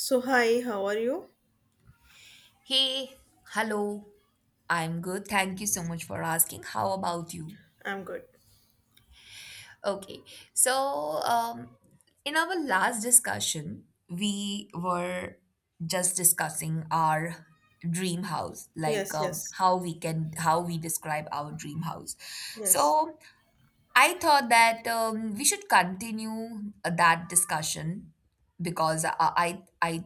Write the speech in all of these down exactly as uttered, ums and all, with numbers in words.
So, hi, how are you? Hey, hello. I'm good. Thank you so much for asking. How about you? I'm good. Okay. So, um, in our last discussion, we were just discussing our dream house, like Yes, um, yes, how we can how we describe our dream house. yes, So, I thought that um, we should continue uh, that discussion because I I, I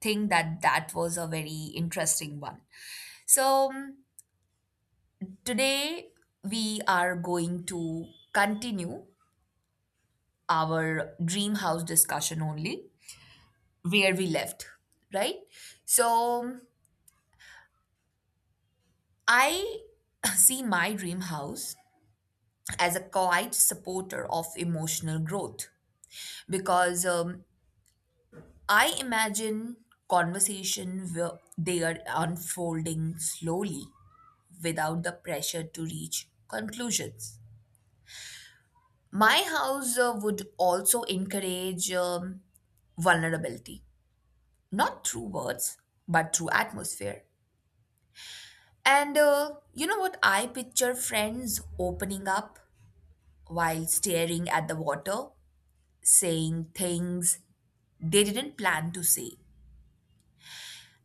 think that that was a very interesting one. So. um, Today, we are going to continue our dream house discussion only where we left, right? So, I see my dream house as a quiet supporter of emotional growth because um, I imagine conversation where they are unfolding slowly without the pressure to reach conclusions. My house uh, would also encourage um, vulnerability, not through words, but through atmosphere. And uh, You know what? I picture friends opening up while staring at the water, saying things they didn't plan to say.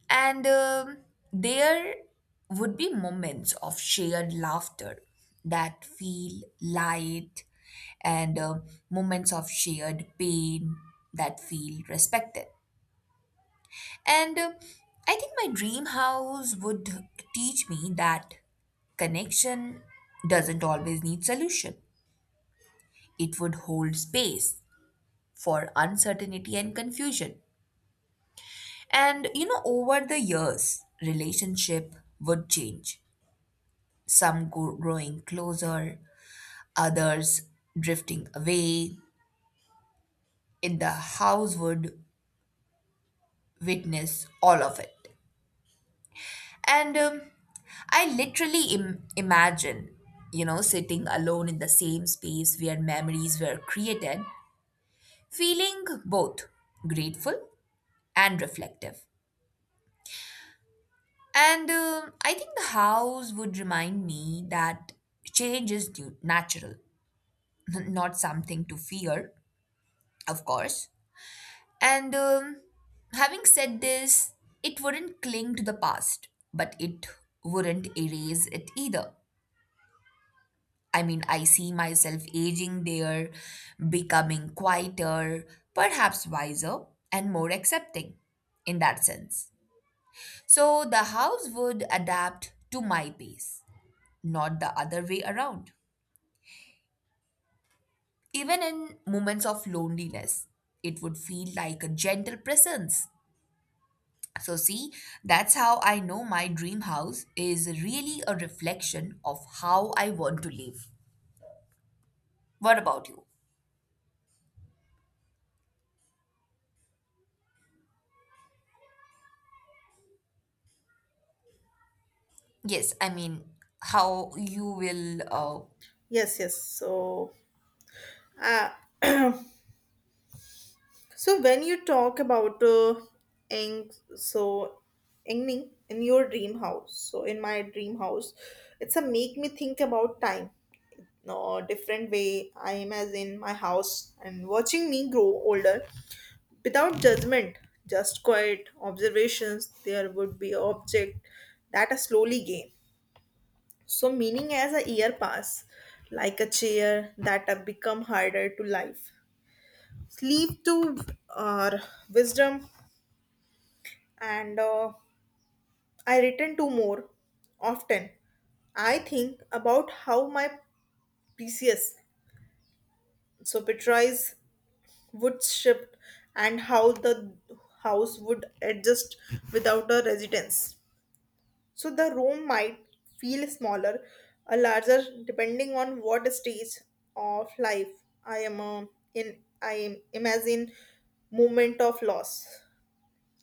And um there would be moments of shared laughter that feel light, and um moments of shared pain that feel respected. And uh, I think my dream house would teach me that connection doesn't always need solution. It would hold space for uncertainty and confusion. And you know, over the years, relationship would change. Some go- growing closer, others drifting away. In the house would witness all of it. And um, I literally Im- imagine, you know, sitting alone in the same space where memories were created, feeling both grateful and reflective. And um, I think the house would remind me that change is due- natural, not something to fear, of course. And um, Having said this, it wouldn't cling to the past, but it wouldn't erase it either. I mean, I see myself aging there, becoming quieter, perhaps wiser, and more accepting in that sense. So the house would adapt to my pace, not the other way around. Even in moments of loneliness, it would feel like a gentle presence. So, see, that's how I know my dream house is really a reflection of how I want to live. What about you? Yes, I mean, how you will, uh, yes, yes. So, uh, so when you talk about uh, Eng, so Engning in your dream house, so in my dream house, it's a make me think about time. No different way. I am as in my house and watching me grow older without judgment, just quiet observations. There would be object that I slowly gain. So meaning as a year pass, like a chair that have become harder to life. Sleep to our wisdom, and uh, I return to more often. I think about how my P C S, so Petrice, would shift and how the house would adjust without a residence. So the room might feel smaller or larger depending on what stage of life I am uh, in. I am imagine moment of loss.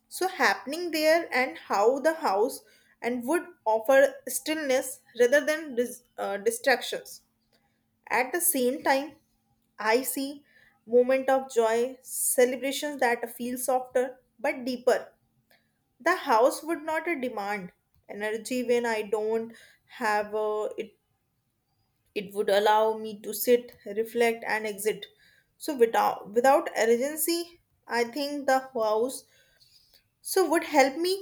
So happening there and how the house and would offer stillness rather than dis- uh, distractions. At the same time, I see moment of joy, celebrations that feel softer but deeper the house would not uh, demand energy when I don't have uh, it. It would allow me to sit reflect and exit so without without urgency. I think the house so would help me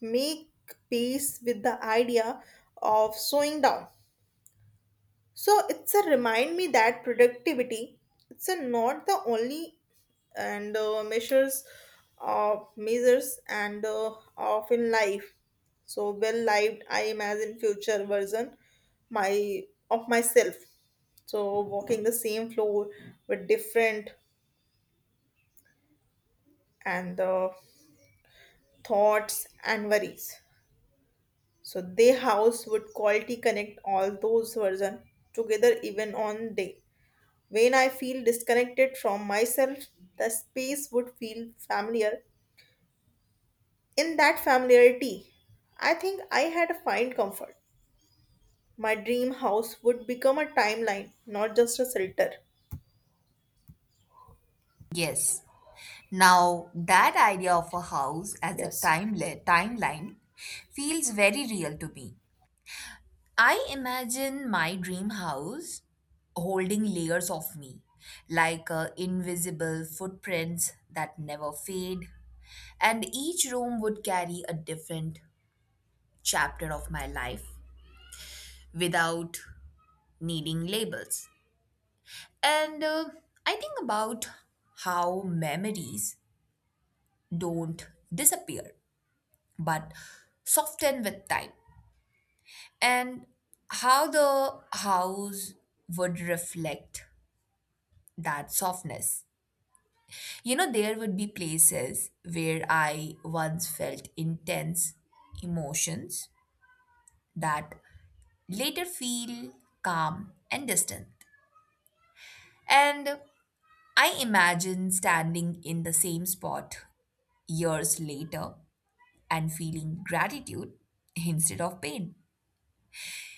make peace with the idea of slowing down, so it's a remind me that productivity it's a not the only and uh, measures of measures and uh, of in life. So well lived, I imagine future version my of myself. So walking the same floor with different and the thoughts and worries. So they house would quality connect all those version together even on day. When I feel disconnected from myself, the space would feel familiar. In that familiarity, I think I had to find comfort. My dream house would become a timeline, not just a shelter. yes. Now, that idea of a house as a Yes. timele- timeline feels very real to me. I imagine my dream house holding layers of me, like uh, invisible footprints that never fade. And each room would carry a different chapter of my life without needing labels. And uh, I think about how memories don't disappear but soften with time, and how the house would reflect that softness. You know, there would be places where I once felt intense emotions that later feel calm and distant. And I imagine standing in the same spot years later and feeling gratitude instead of pain.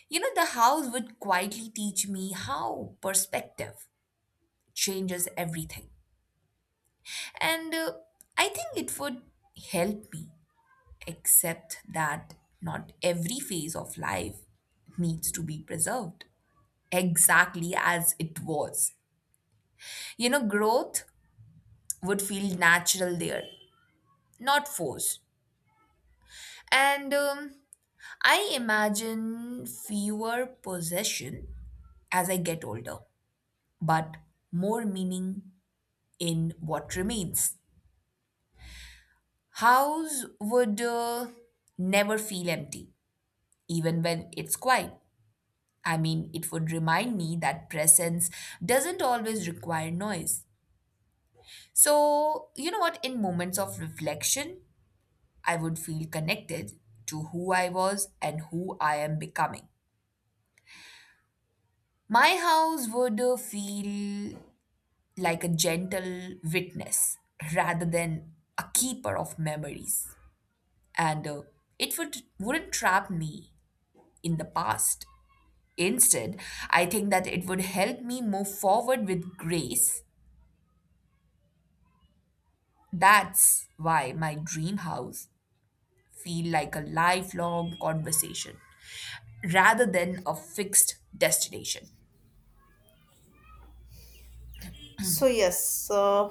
You know, the house would quietly teach me how perspective changes everything. And uh, I think it would help me accept that not every phase of life needs to be preserved exactly as it was. You know, growth would feel natural there, not forced. And um, I imagine fewer possession as I get older but more meaning in what remains. House would uh, never feel empty, even when it's quiet. I mean, it would remind me that presence doesn't always require noise. So, you know what? In moments of reflection, I would feel connected to who I was and who I am becoming. My house would uh, feel like a gentle witness rather than a keeper of memories. and uh, it would wouldn't trap me in the past. Instead, I think that it would help me move forward with grace. That's why my dream house feel like a lifelong conversation rather than a fixed destination. So, yes, uh,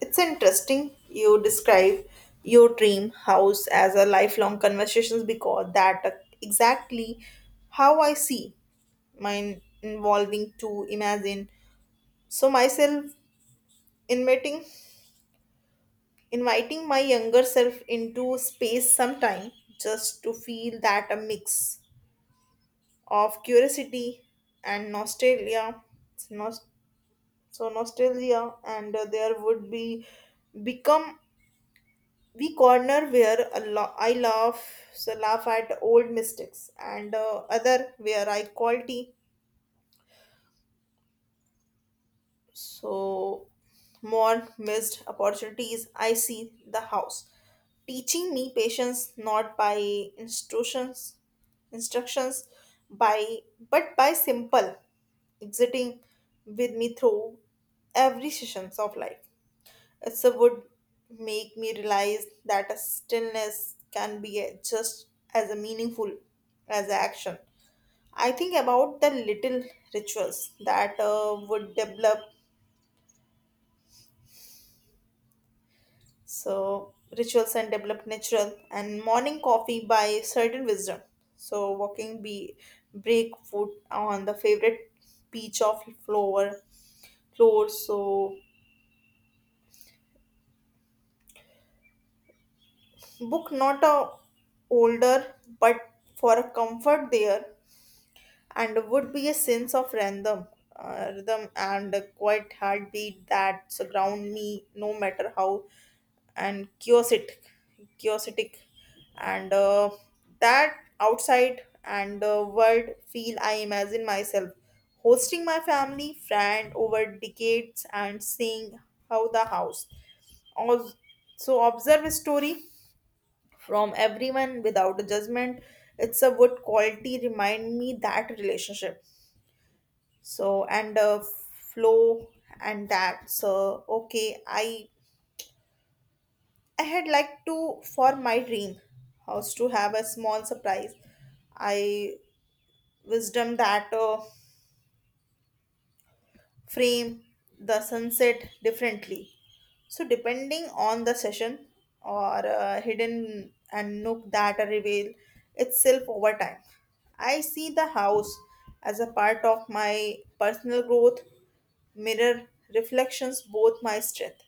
it's interesting you describe your dream house as a lifelong conversations because that uh, exactly how I see mine involving to imagine. So, myself in meeting, inviting my younger self into space sometime just to feel that a mix of curiosity and nostalgia, nos- so nostalgia, and uh, there would be become we corner where a lo- I laugh, so laugh at old mistakes, and uh, other where I quality so more missed opportunities. I see the house teaching me patience, not by instructions instructions by but by simple exiting with me through every sessions of life. It's a would make me realize that a stillness can be a- just as a meaningful as a action. I think about the little rituals that uh, would develop. So rituals and develop natural and morning coffee by certain wisdom. So walking be break foot on the favorite beach of floor floor. So book not a older but for a comfort there, and would be a sense of random uh, rhythm and a quiet heartbeat that surround me no matter how and kiosk kiosk, and uh, that outside and uh, world feel. I imagine myself hosting my family friend over decades and seeing how the house also observe a story from everyone without judgment. It's a good quality remind me that relationship so and uh, flow and that so okay. i I had liked to for my dream house to have a small surprise. I wisdom that uh, frame the sunset differently. So depending on the session or uh, hidden and nook that reveal itself over time. I see the house as a part of my personal growth mirror reflections both my strength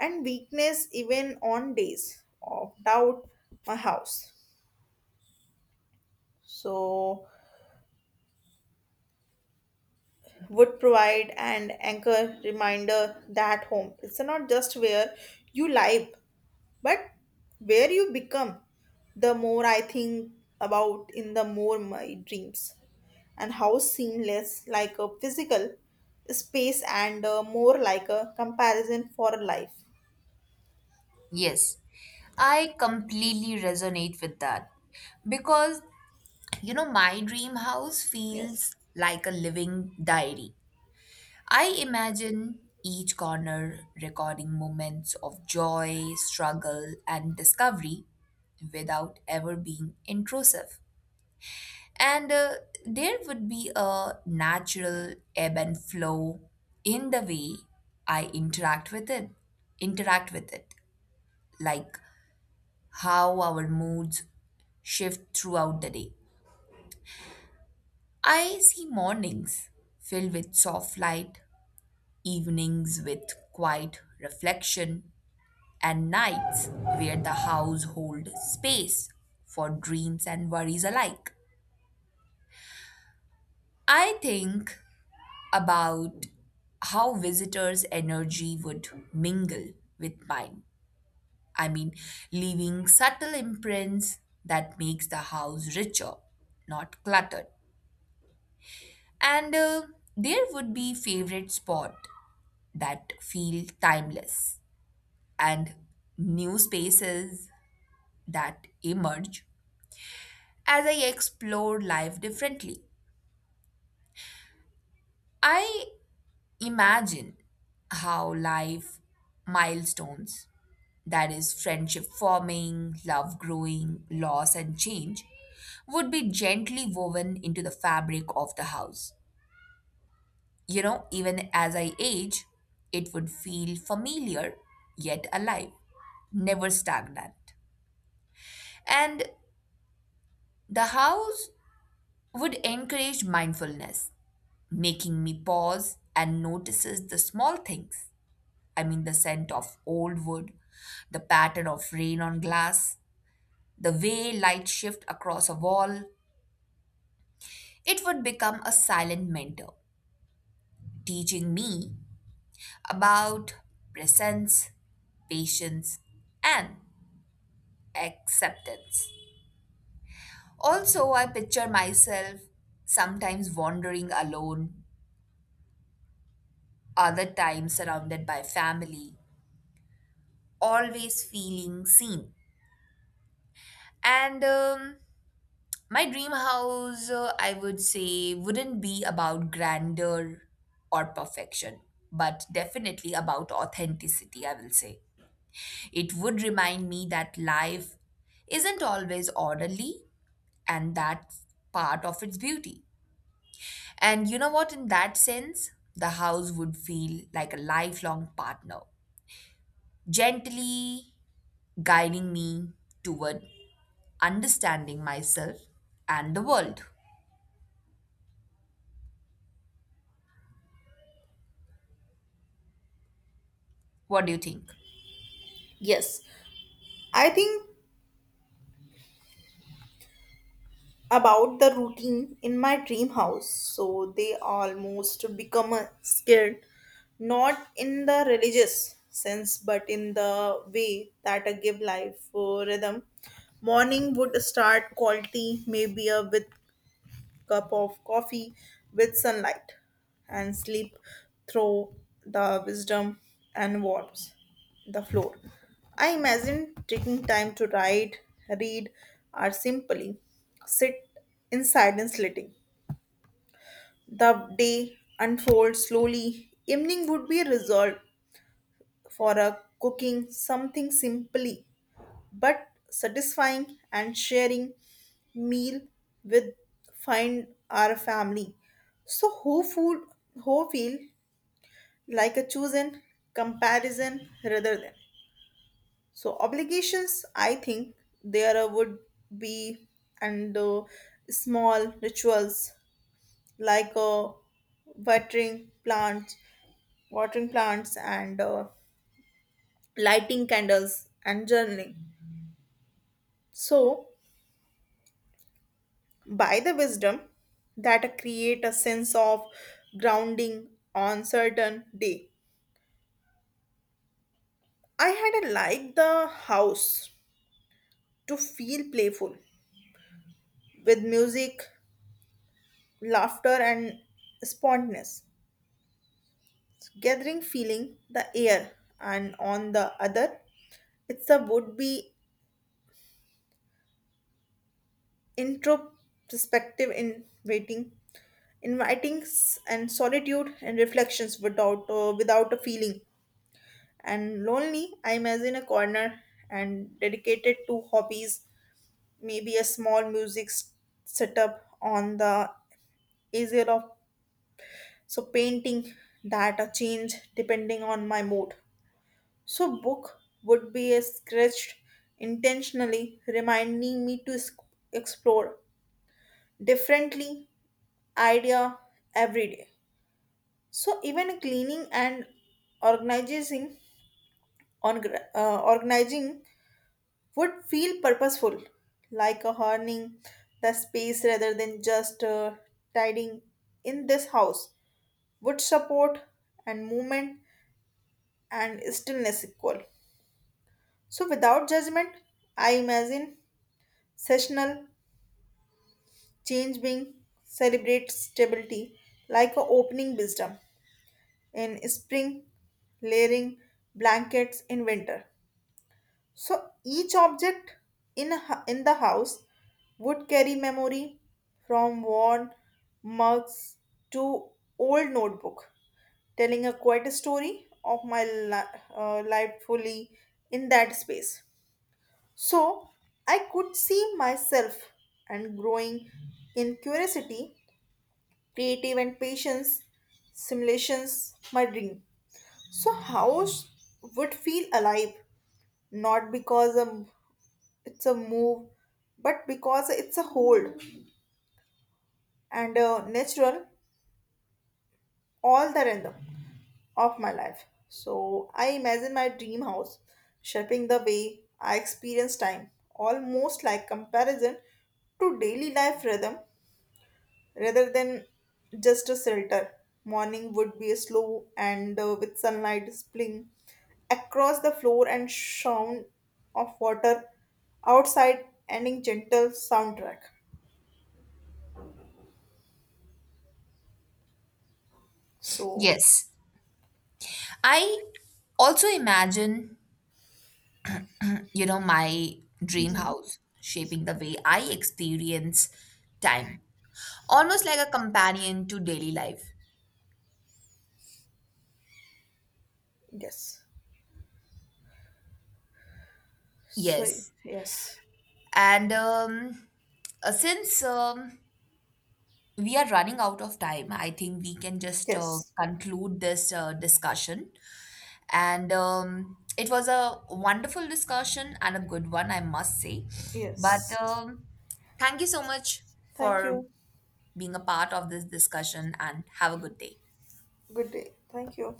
and weakness. Even on days of doubt, my house so would provide an anchor reminder that home it's not just where you live, but where you become. The more I think about in the more my dreams and how seamless like a physical space, and uh, more like a comparison for life. Yes, I completely resonate with that because you know my dream house feels Yes. like a living diary. I imagine each corner recording moments of joy, struggle, and discovery without ever being intrusive. And uh, There would be a natural ebb and flow in the way I interact with it. Interact with it, like how our moods shift throughout the day. I see mornings filled with soft light, evenings with quiet reflection, and nights were the household space for dreams and worries alike. I think about how visitors' energy would mingle with mine. I mean, leaving subtle imprints that makes the house richer, not cluttered. And uh, There would be favorite spot that feel timeless and new spaces that emerge as I explored life differently. I imagined how life milestones, that is, friendship forming, love growing, loss and change, would be gently woven into the fabric of the house. You know, even as I age, it would feel familiar yet alive, never stagnant. And the house would encourage mindfulness making me pause and notices the small things. I mean, the scent of old wood, the pattern of rain on glass, the way light shift across a wall. It would become a silent mentor, teaching me about presence, patience, and acceptance. Also, I picture myself sometimes wandering alone, other times surrounded by family, always feeling seen. And um, my dream house, uh, I would say, wouldn't be about grandeur or perfection, but definitely about authenticity, I will say. It would remind me that life isn't always orderly, and that's part of its beauty. And you know what? In that sense, the house would feel like a lifelong partner, gently guiding me toward understanding myself and the world. What do you think? Yes, I think about the routine in my dream house, so they almost become uh, scared, not in the religious sense, but in the way that I give life for rhythm. Morning would start quality maybe uh, with cup of coffee with sunlight and sleep through the wisdom and warmth the floor. I imagine taking time to write, read, or simply sit in silence letting the day unfold slowly. Evening would be resolved for a cooking something simply but satisfying and sharing meal with find our family. So who food who feel like a chosen comparison rather than so obligations. I think there uh, would be and uh, small rituals like uh, watering plants, watering plants and uh, lighting candles and journaling. So by the wisdom that create a sense of grounding on certain day, I had a like the house to feel playful with music, laughter and spontaneous gathering feeling the air. And on the other, it's a would be introspective in waiting, inviting s- and solitude and reflections without uh, without a feeling and lonely. I imagine a corner and dedicated to hobbies, maybe a small music s- setup on the easel of so painting that a change depending on my mood. So book would be a scratched intentionally reminding me to s- explore differently idea every day. So even cleaning and organizing on gra- uh, organizing would feel purposeful, like a honing the space rather than just uh, tidying. In this house, would support and movement and stillness equal. So, without judgment, I imagine sessional change being celebrate stability, like a opening wisdom in spring, layering blankets in winter. So each object in a, hu- in the house would carry memory from worn mugs to old notebook, telling a quite a story of my li- uh, life fully in that space. So I could see myself and growing in curiosity, creative and patience, simulations, my dream. So house would feel alive, not because a it's a move, but because it's a hold and uh, natural all the random of my life. So I imagine my dream house shaping the way I experience time, almost like comparison to daily life rhythm rather than just a shelter. Morning would be slow, and uh, with sunlight spilling across the floor and sound of water outside ending gentle soundtrack, so. Yes. I also imagine, you know, my dream Mhm. house shaping the way I experience time, almost like a companion to daily life. Yes. So, Yes. yes. And um, uh, since um, we are running out of time, I think we can just uh, Yes. conclude this uh, discussion. And um, It was a wonderful discussion and a good one, I must say. But Yes. um, thank you so much Thank for you. being a part of this discussion and have a good day. Good day. Thank you.